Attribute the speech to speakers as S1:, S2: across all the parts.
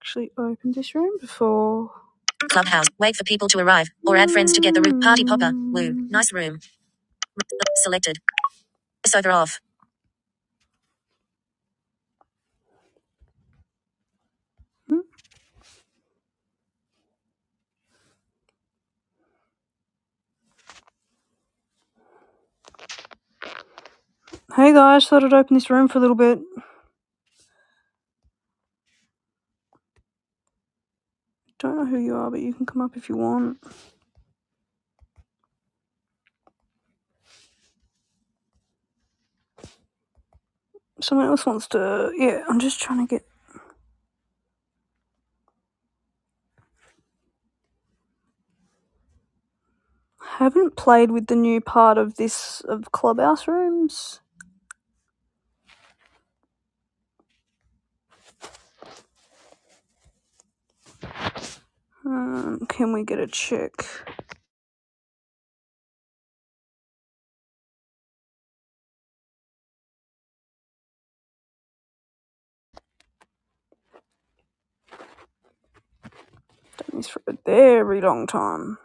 S1: actually opened this room before. Clubhouse. Wait for people to arrive or add friends to get the room. Party popper. Woo. Nice room. Selected. Sofa off. Hmm. Hey guys, thought I'd open this room for a little bit. Don't know who you are, but you can come up if you want. Someone else wants to. Yeah, I'm just trying to get. I Haven't played with the new part of this of clubhouse rooms. Um, can we get a check? Done this for a very long time.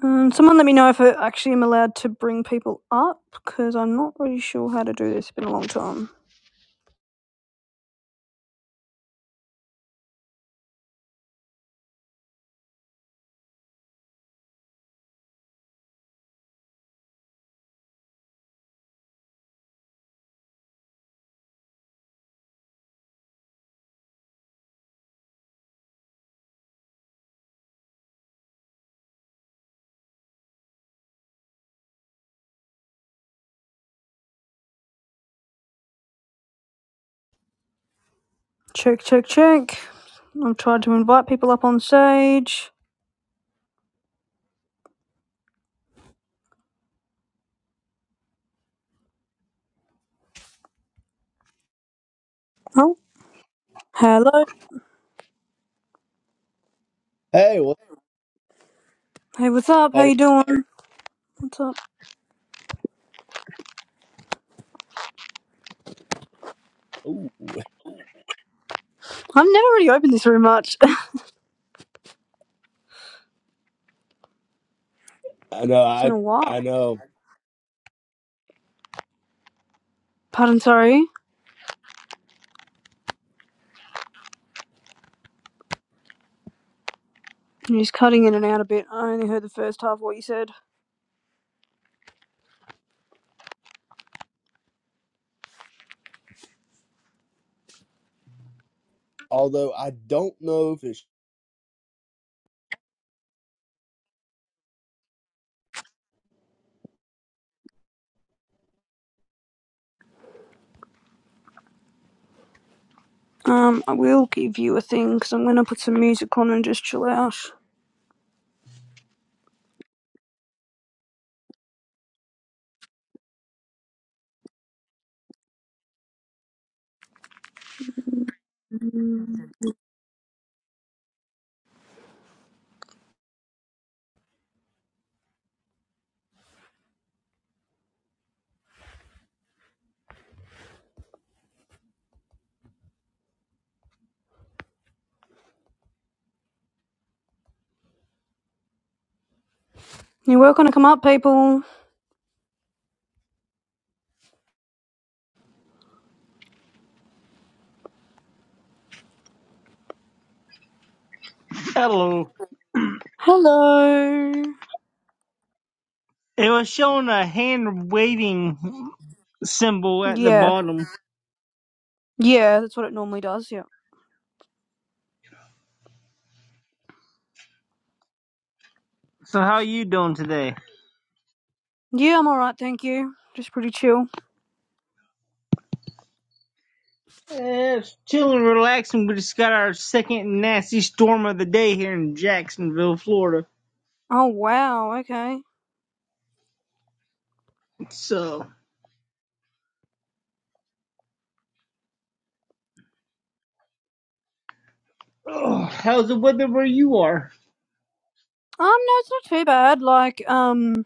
S1: Um, someone let me know if I actually am allowed to bring people up because I'm not really sure how to do this. It's been a long time. Check, check, check. I've tried to invite people up on stage. Oh, hello.
S2: Hey, what's up?
S1: Hey, what's up? How
S2: hold on?
S1: you doing? What's up?
S2: Ooh,
S1: I've never really opened this room much.
S2: I know,
S1: it's in
S2: I
S1: a while.
S2: I know.
S1: Pardon, sorry. You're just cutting in and out a bit. I only heard the first half of what you said.
S2: Although I don't know if it's
S1: Um, I will give you a thing because I'm gonna put some music on and just chill out. Mm. You're welcome to come up, people.
S3: Hello.
S1: Hello.
S3: It was showing a hand waving symbol at the
S1: Yeah,
S3: bottom.
S1: Yeah, that's what it normally does. Yeah.
S3: So how you doing today?
S1: Yeah, I'm alright, thank you. Just pretty chill.
S3: Eh, It's chilling, relaxing. We just got our second nasty storm of the day here in Jacksonville, Florida.
S1: Oh wow, okay. Um,
S3: So, oh, how's the weather where you are?
S1: no, it's not too bad. Like, um,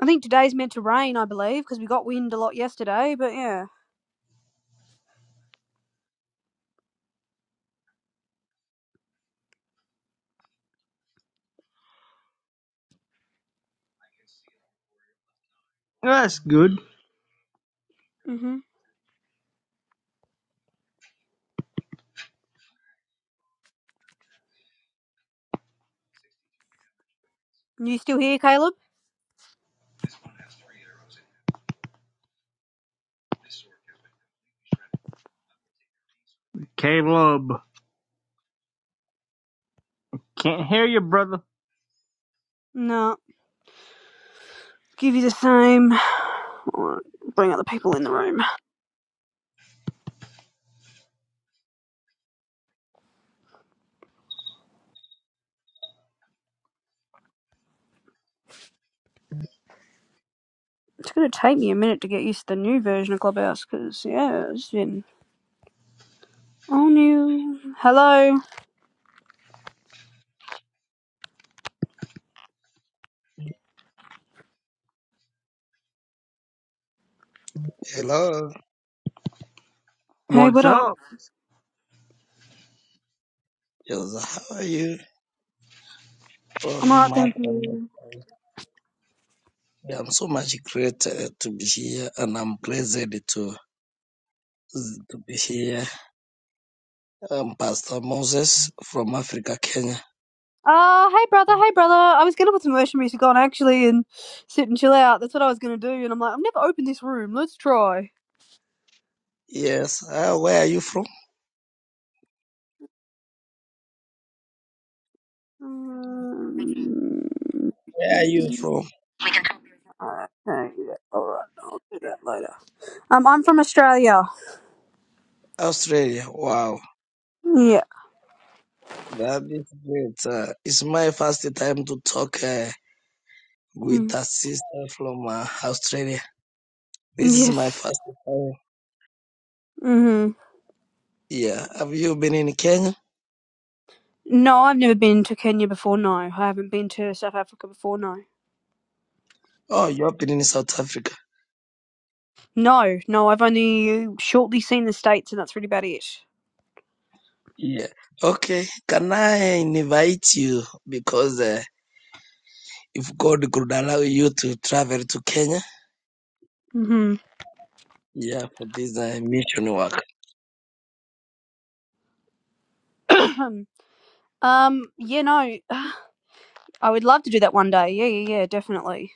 S1: I think today's meant to rain, I believe, because we got wind a lot yesterday. But yeah.
S3: That's good.
S1: Mhm. You still here, Caleb?
S3: Caleb, can't hear you, brother.
S1: No. Give you the same. Alright, Bring other people in the room. It's gonna take me a minute to get used to the new version of Clubhouse, because yeah, it's been all new. Hello.
S4: Hello,
S1: Hey, what
S3: What's
S1: up?
S3: up?
S4: Joseph. How are you? Oh,
S1: I'm alright,
S4: Mark,
S1: thank
S4: I'm,
S1: you.
S4: yeah, I'm so much grateful to be here, and I'm pleased to to be here. I'm Pastor Moses from Africa, Kenya.
S1: Uh, hey brother, hey brother. I was gonna put some worship music on actually and sit and chill out. That's what I was gonna do, and I'm like, I've never opened this room. Let's try.
S4: Yes. Uh, where are you from?
S1: Um,
S4: Where are you from?
S1: alright, alright, yeah, alright, I'll do that later. Um, I'm from Australia.
S4: Australia. Wow,
S1: Yeah.
S4: that is great. Uh, it's my first time to talk uh, with
S1: Mm.
S4: a sister from uh, Australia. This is my
S1: Yes.
S4: first time.
S1: Mhm.
S4: Yeah. Have you been in Kenya?
S1: No, I've never been to Kenya before. No, I haven't been to South Africa before. No.
S4: Oh, you've been in South Africa.
S1: No, no, I've only shortly seen the states, and that's really about it.
S4: Yeah. Okay. Can I invite you? Because uh, if God could allow you to travel to Kenya,
S1: Mhm.
S4: yeah, for this uh, mission work,
S1: um. Yeah. No. I would love to do that one day. Yeah, yeah, yeah, definitely.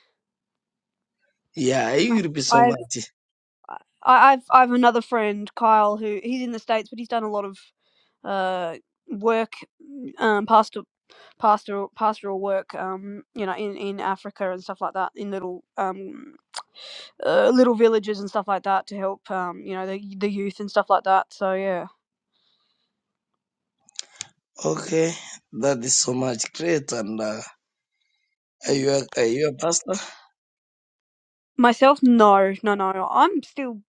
S4: yeah, it
S1: I-
S4: will be so
S1: I've
S4: much.
S1: I- I've I've another friend, Kyle, who he's in the states, but he's done a lot of uh work, um, pastor pastoral pastoral work, um, you know, in in Africa and stuff like that, in little um uh, little villages and stuff like that to help um you know the the youth and stuff like that. So yeah,
S4: Okay, that is so much great. And uh, are you
S1: Mm.
S4: a, are you a pastor?
S1: myself, no, no, no, no. I'm still.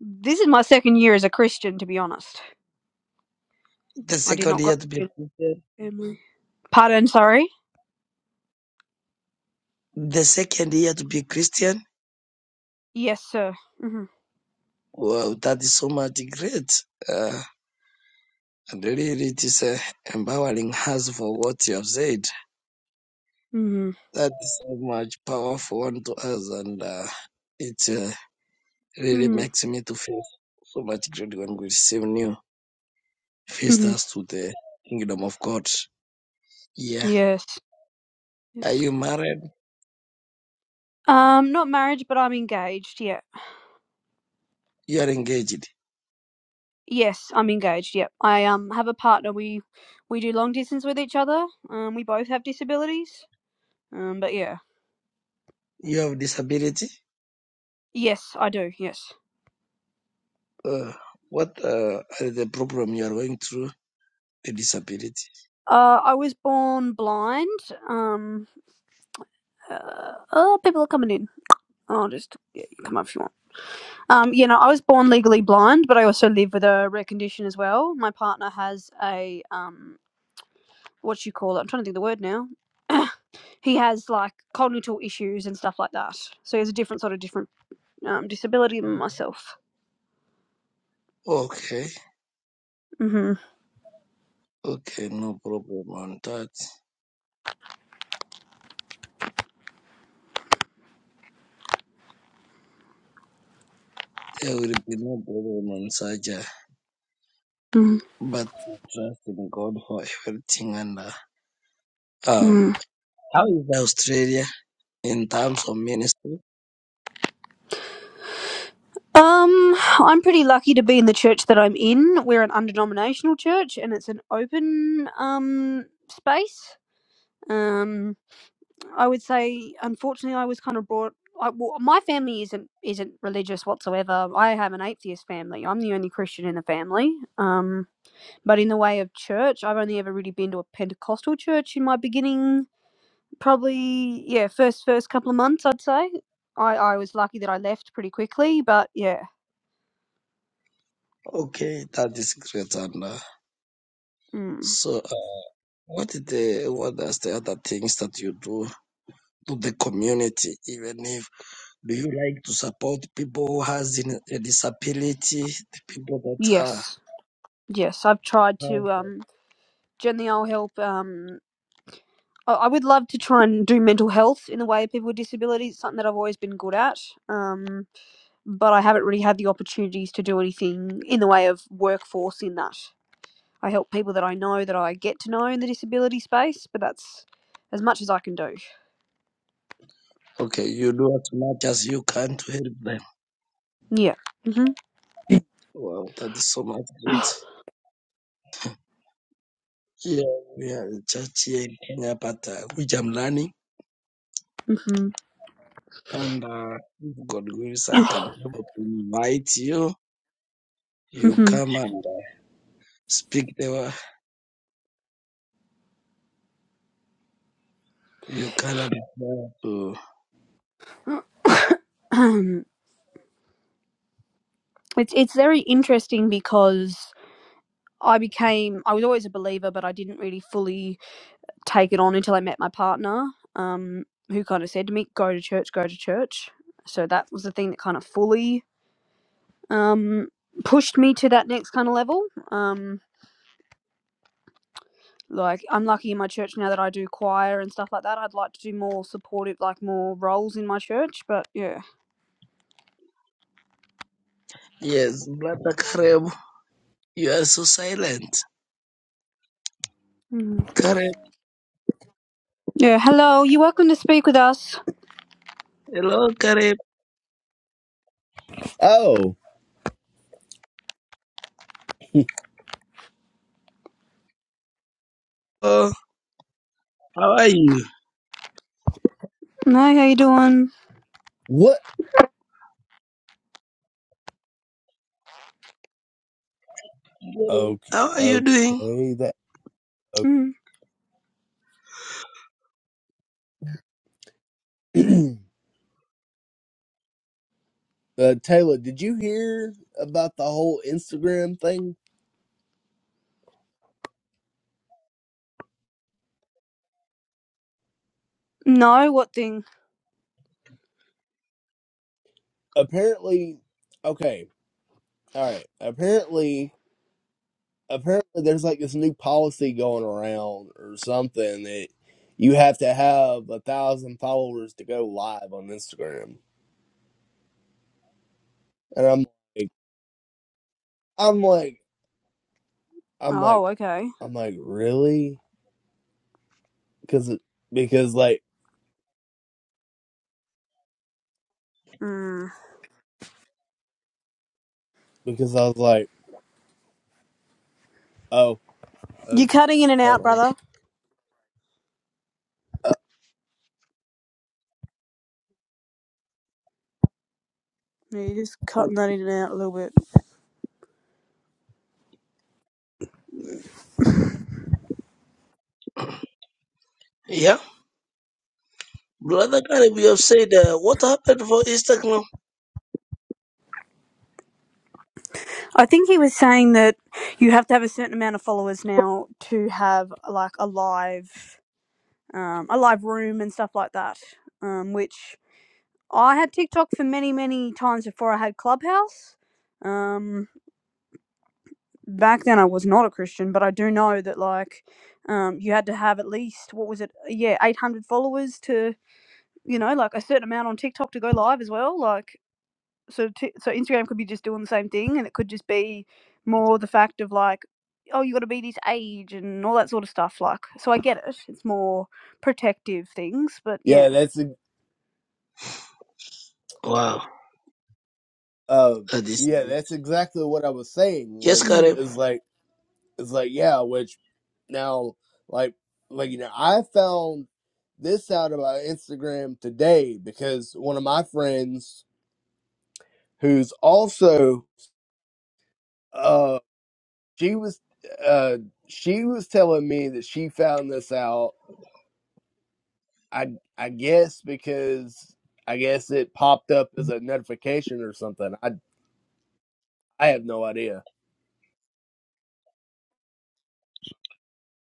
S1: This is my second year as a Christian, to be honest.
S4: The
S1: I did
S4: second
S1: not grow
S4: year
S1: up
S4: to be a
S1: in
S4: Christian.
S1: a family. Pardon, sorry.
S4: The second year to be a Christian.
S1: Yes, sir. Mhm.
S4: Wow, that is so much great. Uh, and really, it is uh, empowering us for what you have said.
S1: Mhm.
S4: That's so much powerful unto us, and uh, it uh, really
S1: Mhm.
S4: makes me to feel so much grateful when we receive new
S1: Mhm.
S4: visitors to the kingdom of God. Yeah.
S1: Yes.
S4: Are
S1: Yes.
S4: you married?
S1: Um, not marriage, but I'm engaged. Yeah.
S4: You are engaged.
S1: Yes, I'm engaged. Yep. I um have a partner. We we do long distance with each other. Um, we both have disabilities. Um, but yeah.
S4: You have disability.
S1: Yes, I do. Yes.
S4: Uh, what uh, are the problem you are going through? The disability.
S1: Uh, I was born blind. Um, uh, oh, people are coming in. I'll just yeah, you come up if you want. Um, you know, I was born legally blind, but I also live with a rare condition as well. My partner has a um what do you call it? I'm trying to think of the word now. he has like cognitive issues and stuff like that. So he has a different sort of different um, disability than myself.
S4: Okay.
S1: hmm
S4: Okay. No problem on that. There will be no problem on such. uh, But trust in God for everything and. Uh, um,
S1: Mm-hmm.
S4: how is Australia? in terms of ministry.
S1: Um, I'm pretty lucky to be in the church that I'm in. We're an undenominational church, and it's an open um space. Um, I would say, unfortunately, I was kind of brought. I, well, my family isn't isn't religious whatsoever. I have an atheist family. I'm the only Christian in the family. Um, But in the way of church, I've only ever really been to a Pentecostal church in my beginning, probably yeah, first first couple of months I'd say. I I was lucky that I left pretty quickly, but yeah.
S4: Okay, that is great. And uh,
S1: Mm.
S4: so, uh, what did the what are the other things that you do to the community? Even if do you like to support people who has in- a disability, the people that are
S1: Yes. Yes, I've tried to
S4: uh,
S1: um generally I'll help um I I would love to try and do mental health in the way of people with disabilities, It's something that I've always been good at. Um, but I haven't really had the opportunities to do anything in the way of workforce in that. I help people that I know that I get to know in the disability space, but that's as much as I can do.
S4: okay? You do as much as you can to help them.
S1: Yeah. Mhm.
S4: Wow, that is so much great. Yeah, we are a church here in Kenya, but uh, which I'm learning.
S1: Mhm.
S4: And uh, if God wills, I can be able to invite you. You
S1: Mhm.
S4: come and uh, Speak the word. You cannot reply to.
S1: it's it's very interesting because I became I was always a believer, but I didn't really fully take it on until I met my partner, um, who kind of said to me, "Go to church, go to church." So that was the thing that kind of fully um, pushed me to that next kind of level. Um, Like I'm lucky in my church now that I do choir and stuff like that. I'd like to do more supportive, like more roles in my church. But yeah,
S4: Yes, brother Kareb, you are so silent.
S1: mm.
S4: Kareb,
S1: yeah. Hello, you're welcome to speak with us.
S4: hello Kareb.
S2: oh
S4: Oh, how are you?
S1: No, how you doing?
S2: what
S4: Good.
S2: okay
S4: How are you doing?
S2: okay that
S1: Mm.
S2: okay. uh, Taylor, did you hear about the whole Instagram thing?
S1: No, what thing?
S2: Apparently, okay, all right. Apparently, apparently there's like this new policy going around or something that you have to have a thousand followers to go live on Instagram, and I'm like, I'm like. I'm like,
S1: Oh, okay.
S2: I'm like, really? Because because like
S1: Mm.
S2: because I was like, oh, uh,
S1: You're cutting in and
S2: hold
S1: out,
S2: on.
S1: brother. Yeah, you're just cutting that in and out a little bit.
S4: Yeah, brother Kareb, you have said uh, what happened for Instagram.
S1: I think he was saying that you have to have a certain amount of followers now to have like a live, um, a live room and stuff like that. Um, which I had TikTok for many, many times before I had Clubhouse. Um, back then I was not a Christian, but I do know that like, um, you had to have at least what was it? Yeah, eight hundred followers to you know like a certain amount on TikTok to go live as well. Like, so t- so Instagram could be just doing the same thing, and it could just be more the fact of like, oh, you got to be this age and all that sort of stuff. Like, so I get it. It's more protective things, but yeah.
S2: Yeah, that's e-
S4: Wow,
S2: uh,
S4: that is
S2: yeah, that's exactly what I was saying.
S4: yes,
S2: Was
S1: Mm.
S4: Kareb.
S2: is like is like yeah, which now like like you know I found this out about Instagram today because one of my friends who's also uh she was uh she was telling me that she found this out I I guess because I guess it popped up as a notification or something. I I have no idea.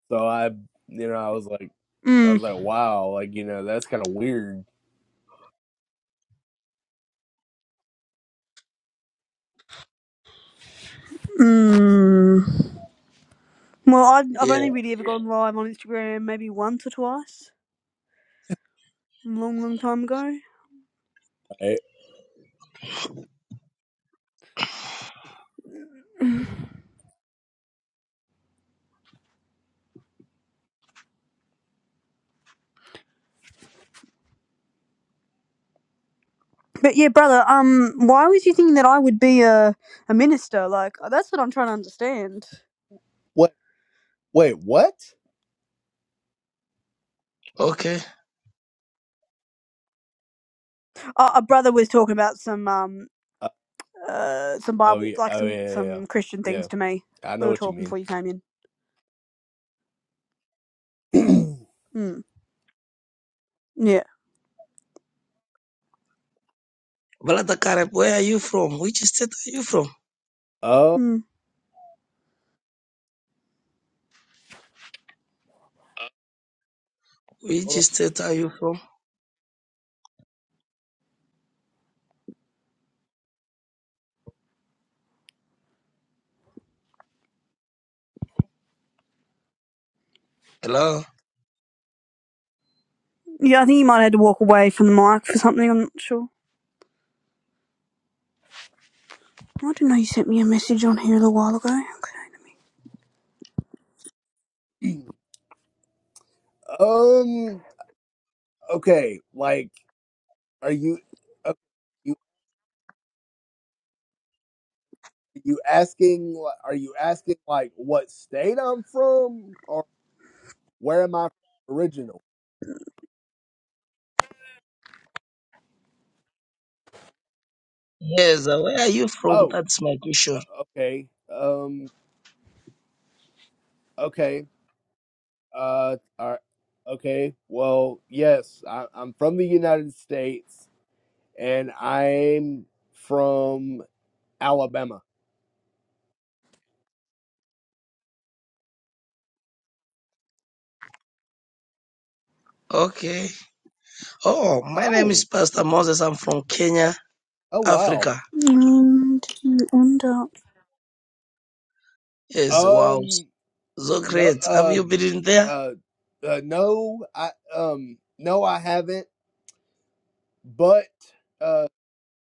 S2: So I you know I was like I was
S1: Mm.
S2: like wow like you know that's kind of weird.
S1: Mm. Well, i I've
S4: Yeah,
S1: only really ever gone live on Instagram maybe once or twice, a long, long time ago.
S2: Right?
S1: But yeah, brother, um, why was you thinking that I would be a a minister? Like uh, that's what I'm trying to understand.
S2: What wait what?
S4: okay.
S1: Uh, a brother was talking about some um
S2: Uh,
S1: uh some
S2: oh
S1: Bible
S2: yeah
S1: like
S2: oh
S1: some
S2: yeah yeah
S1: some Christian
S2: yeah
S1: things to me.
S2: Yeah, I
S1: We
S2: know
S1: were
S2: what you
S1: talking
S2: mean.
S1: before you came in. Mm. Yeah.
S4: Brother Kareb, where are you from? Which state are you from?
S2: Oh
S1: Mm.
S4: Which
S2: hold
S4: state are you from? Hello.
S1: Yeah, I think you might have had to walk away from the mic for something. I'm not sure. I didn't know you sent me a message on here a little while ago. Okay.
S2: on. um okay like are you okay, you you asking li- are you asking like what state I'm from or where am I originally?
S4: Yes, uh, where are you from?
S2: Oh,
S4: That's my question.
S2: uh, okay. Um, okay. Uh, all right. Okay. Well, yes, I, I'm from the United States and I'm from Alabama.
S4: Okay. Oh, my name is
S2: Oh,
S4: Pastor Moses. I'm from Kenya,
S2: oh wow.
S4: Africa.
S1: And you end up.
S4: Yes, wow.
S2: Um,
S4: So
S2: no,
S4: great. Have
S2: uh,
S4: you been in there?
S2: uh, uh no, I, um, no, I haven't, but, uh,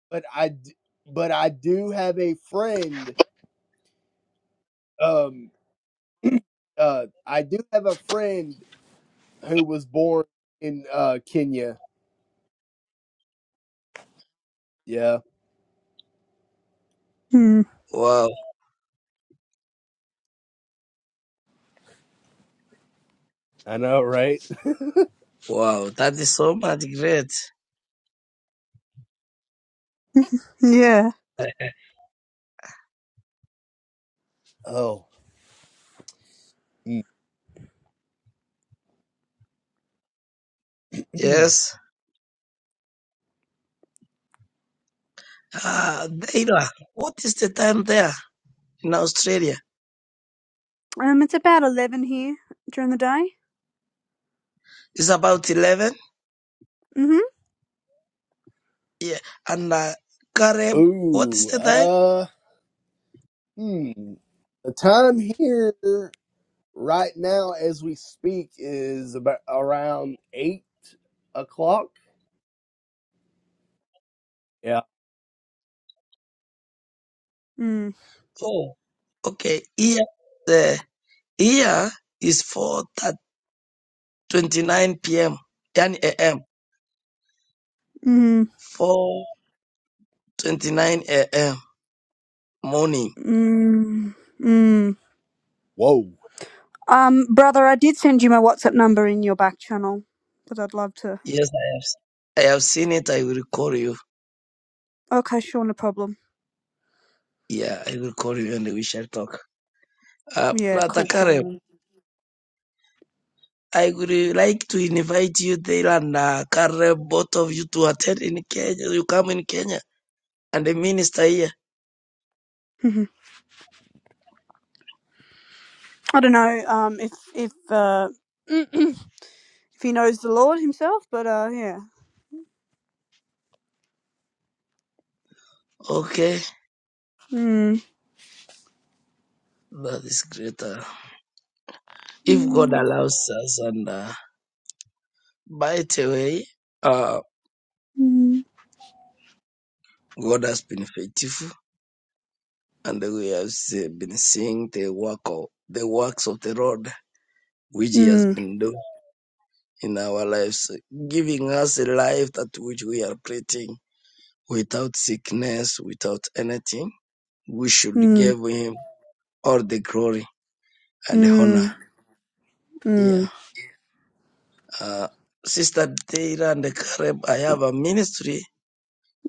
S2: but I, d- but I do have a friend. Um, uh, I do have a friend who was born in uh, Kenya. Yeah,
S1: Hmm.
S4: Wow,
S2: I know, right?
S4: wow. That is so much great.
S1: Yeah.
S2: Oh, Mm.
S4: Yes. Uh, Daira, what is the time there in Australia?
S1: Um, it's about eleven here during the day.
S4: It's about 11.
S1: Mm-hmm.
S4: Yeah. And uh, Gareb, what is
S2: ooh,
S4: the time?
S2: uh, hmm. The time here right now, as we speak, is about around eight o'clock. Yeah.
S1: Mm.
S4: Oh, okay. Here, the, here is 4 29 p.m. 10 a.m.
S1: Mm.
S4: 4 29 a.m. morning.
S1: Mm. Mm.
S2: Whoa.
S1: Um, brother, I did send you my WhatsApp number in your back channel, but I'd love to.
S4: Yes, I have. s- I have seen it. I will call you.
S1: Okay, sure, no problem.
S4: Yeah, I will call you and we shall talk. Uh,
S1: Yeah,
S4: Plata
S1: cool,
S4: Kareb,
S1: cool.
S4: I would like to invite you there and uh, Kareb, both of you to attend in Kenya. You come in Kenya and the minister here.
S1: Mhm. I don't know. Um, if if uh, if he knows the Lord himself, but uh, yeah.
S4: Okay,
S1: Mm.
S4: that is greater. If God
S1: Mm.
S4: allows us and uh, by the way, uh,
S1: Mm.
S4: God has been faithful and we have se- been seeing the work of the works of the Lord which He has been doing. in our lives, giving us a life that which we are praying, without sickness, without anything. We should
S1: Mm.
S4: give him all the glory and the honor.
S1: Mm.
S4: Yeah.
S1: Mm.
S4: Uh, Sister Deira and Caleb, I have a ministry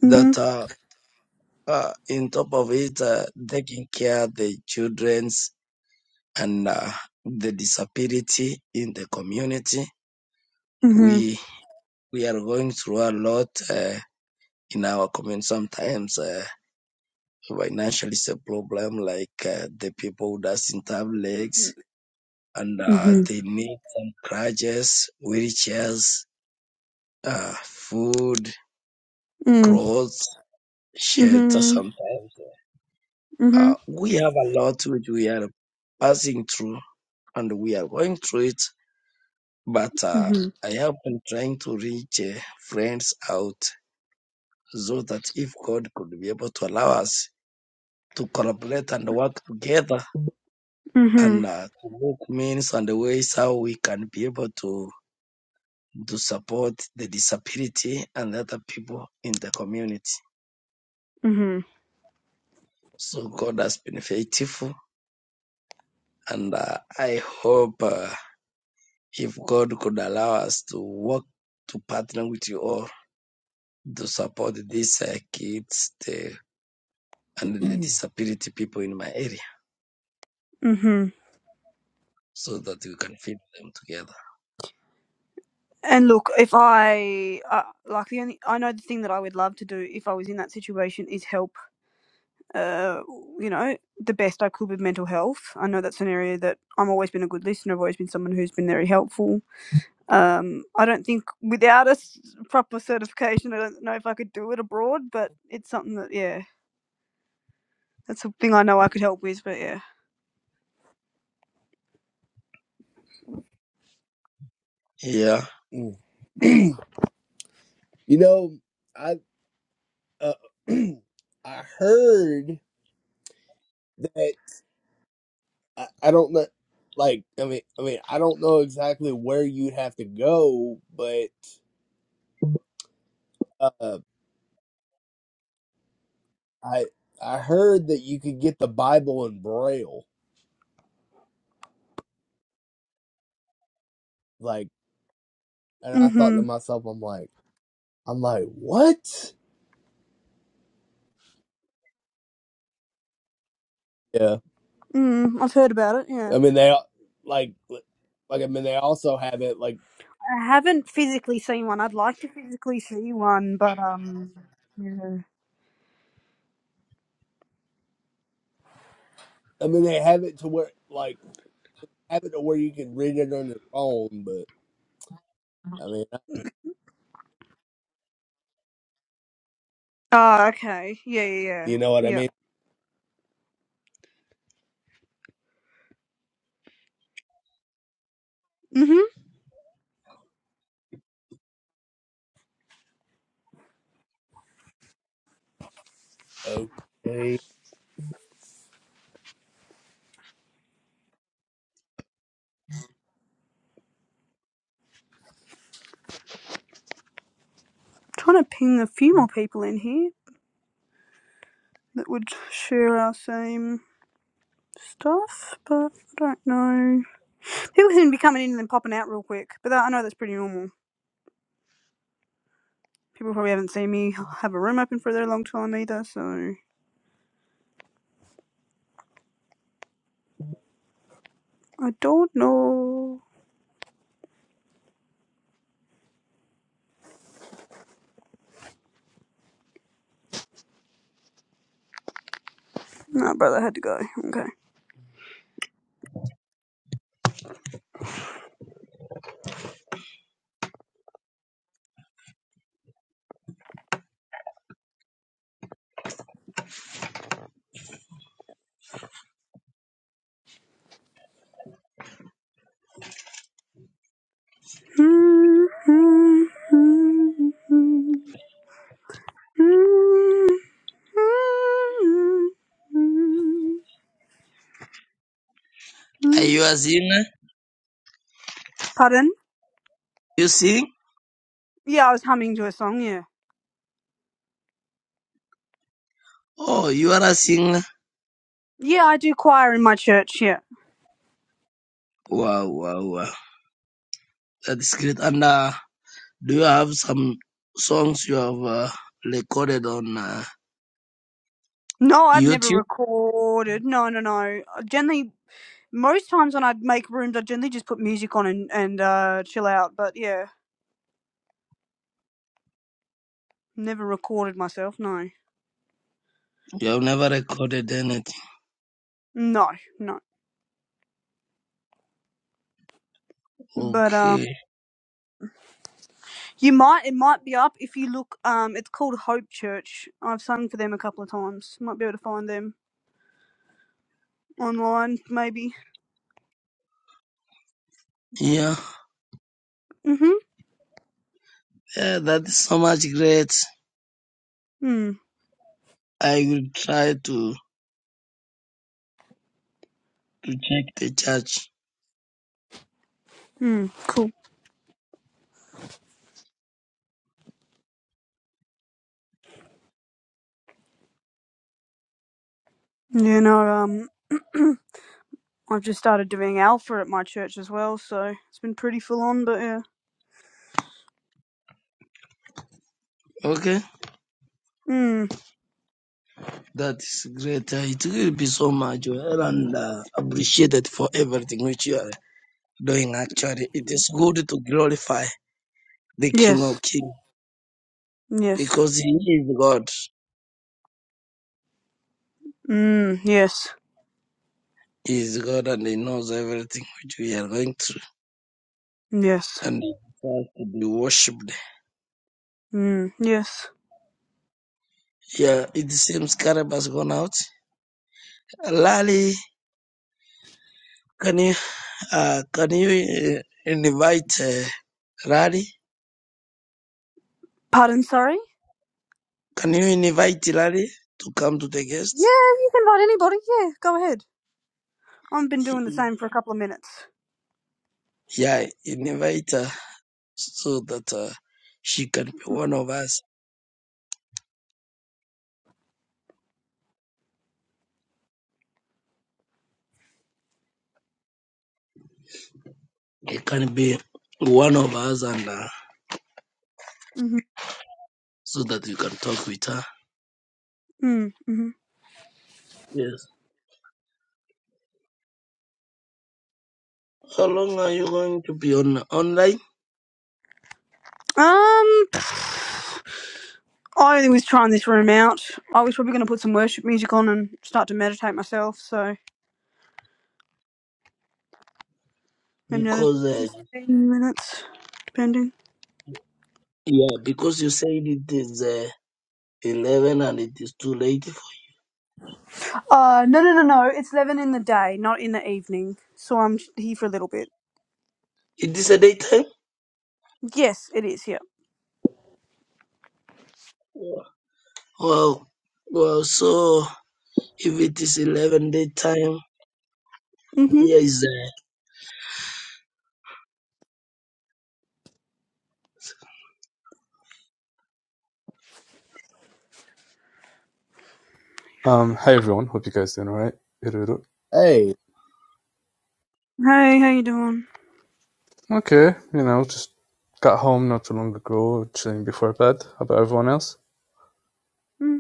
S1: Mm.
S4: that uh, uh, in top of it, uh, taking care of the children's and uh, the disability in the community.
S1: Mhm.
S4: We we are going through a lot uh, in our community sometimes. uh, financially is a problem like uh, the people who doesn't have legs and uh,
S1: Mhm.
S4: they need some crutches wheelchairs uh, food
S1: Mhm. Mm.
S4: clothes shelter
S1: Mhm.
S4: sometimes uh,
S1: Mhm.
S4: we have a lot which we are passing through and we are going through it but uh,
S1: Mhm.
S4: i have been trying to reach uh, friends out so that if god could be able to allow us to collaborate and work together and
S1: Mhm.
S4: uh, to look means and the ways how we can be able to to support the disability and other people in the community.
S1: Mhm.
S4: So God has been faithful, and uh, I hope uh, if God could allow us to work to partner with you all to support these uh, kids the, and the disability people in my area,
S1: hmm
S4: so that we can feed them together.
S1: And look, if I uh, like the only I know the thing that I would love to do if I was in that situation is help. Uh, you know, the best I could with mental health. I know that's an area that I'm always been a good listener. I've always been someone who's been very helpful. Um, I don't think without a s- proper certification, I don't know if I could do it abroad. But it's something that yeah, that's a thing I know I could help with. But yeah.
S4: Yeah,
S2: Mm. you know, I uh, I heard that I, I don't know. Like, I mean, I mean, I don't know exactly where you'd have to go, but uh, I I heard that you could get the Bible in Braille, like, and I thought to
S1: hmm
S2: myself, I'm like, I'm like, what? Yeah,
S1: Mm, I've heard about it. Yeah.
S2: I mean they al- like, like I mean they also have it like,
S1: I haven't physically seen one. I'd like to physically see one, but um. Yeah.
S2: I mean they have it to where like have it to where you can read it on your phone, but I mean
S1: Oh, okay. Yeah, yeah, yeah.
S2: you know what I
S1: Yeah.
S2: mean?
S1: Mhm.
S2: Okay,
S1: Trying to ping a few more people in here that would share our same stuff, but I don't know. People seem to be coming in and then popping out real quick, but that, I know that's pretty normal. People probably haven't seen me have a room open for a very long time either, so I don't know. No, brother had to go. Okay.
S4: are you a singer?
S1: Pardon?
S4: You sing?
S1: Yeah, I was humming to a song, yeah.
S4: Oh, you are a singer.
S1: Yeah, I do choir in my church, yeah.
S4: Wow, wow, wow. That's great. And uh, do you have some songs you have uh, recorded on uh,
S1: No, I've never
S4: YouTube?
S1: recorded. No, no, no. I Generally, most times when I make rooms, I generally just put music on and, and uh, chill out. But yeah, never recorded myself, no.
S4: You have never recorded anything.
S1: No, no. But um,
S4: Okay.
S1: you might, it might be up if you look, um, it's called Hope Church. I've sung for them a couple of times. Might be able to find them online, maybe.
S4: Yeah.
S1: Mm-hmm.
S4: Yeah, that is so much great.
S1: Mm,
S4: I will try to, to check the church.
S1: mm, cool. You know, um... I've just started doing Alpha at my church as well, so it's been pretty full on, but yeah.
S4: Okay.
S1: Mm.
S4: That is great. Uh, it will be so much well and uh, appreciated for everything which you are doing actually. It is good to glorify the King of
S1: Yes.
S4: Kings
S1: Yes.
S4: because He is God.
S1: Mm. Yes.
S4: He is God and He knows everything which we are going through
S1: Yes.
S4: and He deserves to be worshipped.
S1: Mm. Yes.
S4: Yeah, it seems Caleb has gone out. Lali, can you uh, can you uh, invite uh, Lali?
S1: Pardon, sorry?
S4: Can you invite Lali to come to the
S1: Yeah,
S4: guest?
S1: you can invite anybody. Yeah, go ahead. I've been doing the same for a couple of minutes.
S4: Yeah, invite her so that uh, she can be one of us. It can be one of us and uh,
S1: Mm-hmm.
S4: so that you can talk with her.
S1: Mm-hmm.
S4: Yes. How long are you going to be on online?
S1: Um, I only was trying this room out. I was probably going to put some worship music on and start to meditate myself. So maybe another
S4: because uh,
S1: fifteen minutes, depending.
S4: yeah, because you said it is uh, eleven and it is too late. For,
S1: Uh, no, no, no, no. It's 11 in the day, not in the evening. So I'm sh- here for a little bit.
S4: it is a daytime.
S1: Yes, it is, yeah.
S4: Yeah. Well, well. So if it is eleven daytime,
S1: hmm
S4: here is uh,
S5: Um, hi everyone, hope you guys doing alright.
S2: hey.
S1: Hey, how you doing?
S5: Okay, you know, just got home not too long ago, chilling before bed. How about everyone else?
S1: Mm,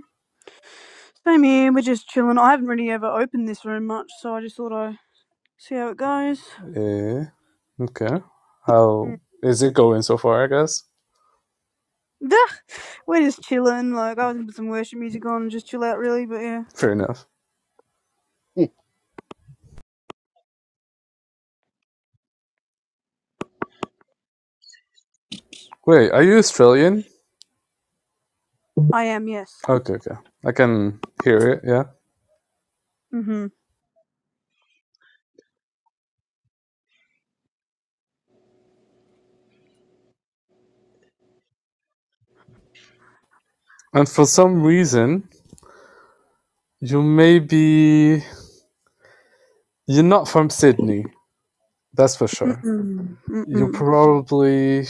S1: same here, we're just chilling. I haven't really ever opened this room much, so I just thought I'd see how it goes.
S5: Eh, okay. How
S1: Mm.
S5: is it going so far, I guess?
S1: Duh! We're just chilling, like, I was gonna put some worship music on and just chill out, really, but yeah.
S5: Fair enough. Wait, are you Australian?
S1: I am, yes.
S5: Okay, okay. I can hear it, yeah.
S1: Mm-hmm.
S5: And for some reason, you may be. You're not from Sydney, that's for sure.
S1: Mm-mm.
S5: You're
S1: Mm-mm.
S5: probably.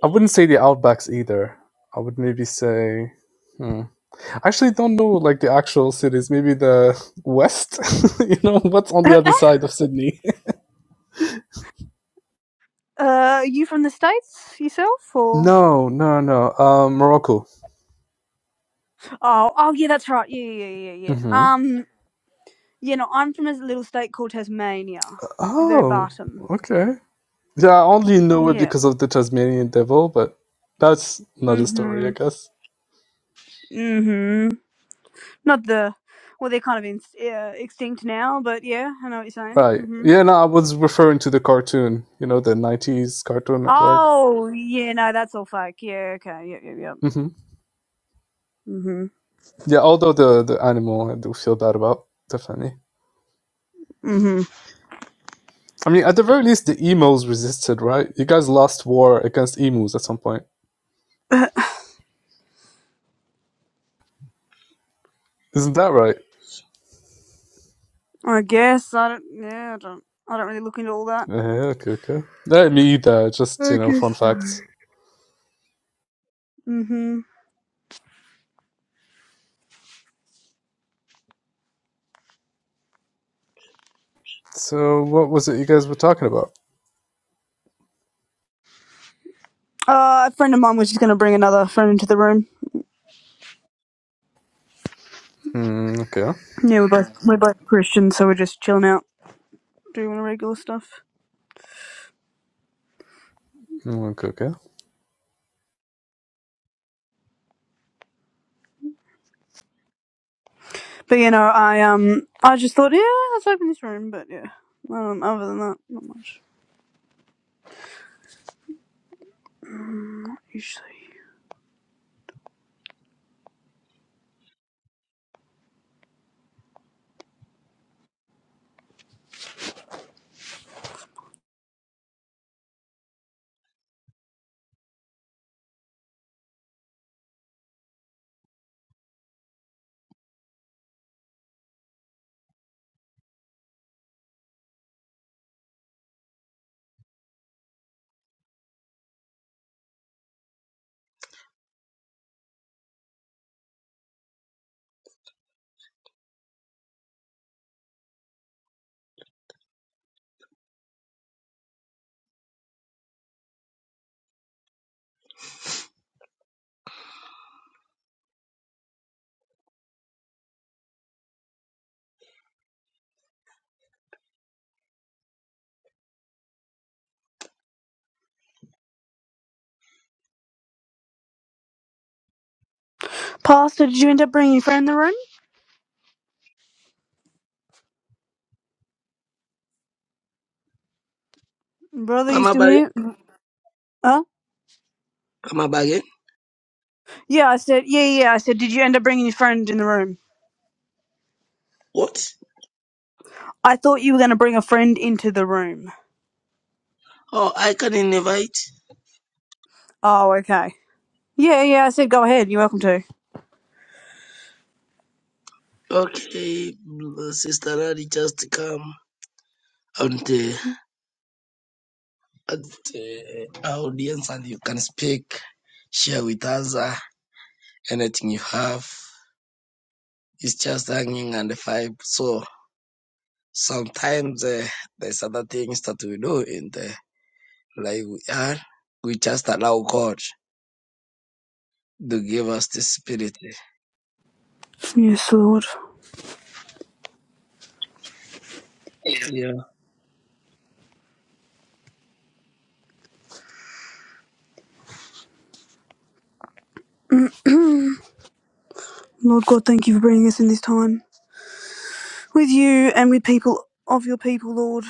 S5: I wouldn't say the Outbacks either. I would maybe say. Hmm. actually don't know like the actual cities. Maybe the west. you know what's on
S1: uh,
S5: the other side of Sydney?
S1: are you from the States, yourself, or?
S5: no, no, no. Um, Morocco.
S1: Oh, oh, yeah, that's right. Yeah, yeah, yeah, yeah.
S5: Mm-hmm.
S1: yeah. Um, Yeah, no, I'm from a little state called Tasmania, the very
S5: Oh,
S1: bottom.
S5: okay. Yeah, I only know it
S1: Yeah.
S5: because of the Tasmanian devil, but that's another story, I
S1: hmm
S5: guess.
S1: hmm Not the, well, they're kind of in, uh, extinct now, but yeah, I know what you're saying.
S5: Right.
S1: hmm
S5: Yeah. No, I was referring to the cartoon. You know, the '90s Cartoon Network.
S1: Oh, yeah, no, that's all fake. Yeah, okay, yep, yep, yep.
S5: hmm
S1: hmm
S5: Yeah. Although the the animal, I do feel bad about definitely.
S1: hmm
S5: I mean, at the very least, the emus resisted, right? You guys lost war against emus at some point. Isn't that right?
S1: I guess I don't. Yeah, I don't. I don't really look into all that.
S5: Uh, okay, okay. Not me either. Just
S1: I
S5: you know,
S1: guess
S5: fun
S1: so.
S5: facts.
S1: Mhm.
S5: So, what was it you guys were talking about?
S1: Uh, a friend of mine was just gonna bring another friend into the room.
S5: Hmm. Okay.
S1: Yeah, we're both we're both Christians, so we're just chilling out, doing regular stuff.
S5: Hmm, Okay. Okay.
S1: But you know, I um, I just thought, yeah, let's open this room. But yeah, um, other than that, not much usually. Pastor, did you end up bringing your friend in the room? Brother, you
S4: come
S1: still
S4: again.
S1: here? Huh?
S4: Come again.
S1: Yeah, I said, yeah, yeah. I said, did you end up bringing your friend in the room?
S4: What?
S1: I thought you were going to bring a friend into the room.
S4: Oh, I can invite.
S1: Oh, okay. Yeah, yeah. I said, go ahead. You're welcome to.
S4: Okay, sister Nadi, just come and the at the audience, and you can speak, share with us uh, anything you have. It's just hanging on the five. So. Sometimes uh, there's other things that we do in the life we are. We just allow God to give us the spirit.
S1: Yes, Lord.
S4: Yeah.
S1: Lord God, thank you for bringing us in this time with you and with people of your people, Lord.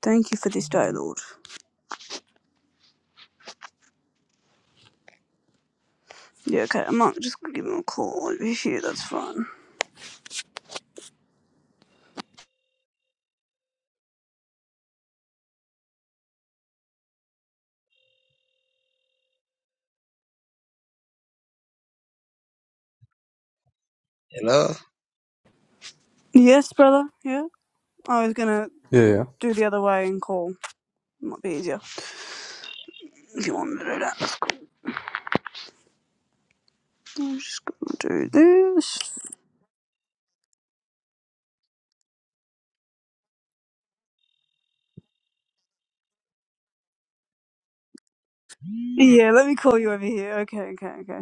S1: Thank you for this day, Lord. Yeah, okay. I might just give him a call over here. That's fine.
S4: Hello?
S1: Yes, brother. Yeah. I was gonna
S5: Yeah. Yeah.
S1: do the other way and call. Might be easier if you want me to do that. I'm just gonna do this. Yeah, let me call you over here. Okay, okay, okay.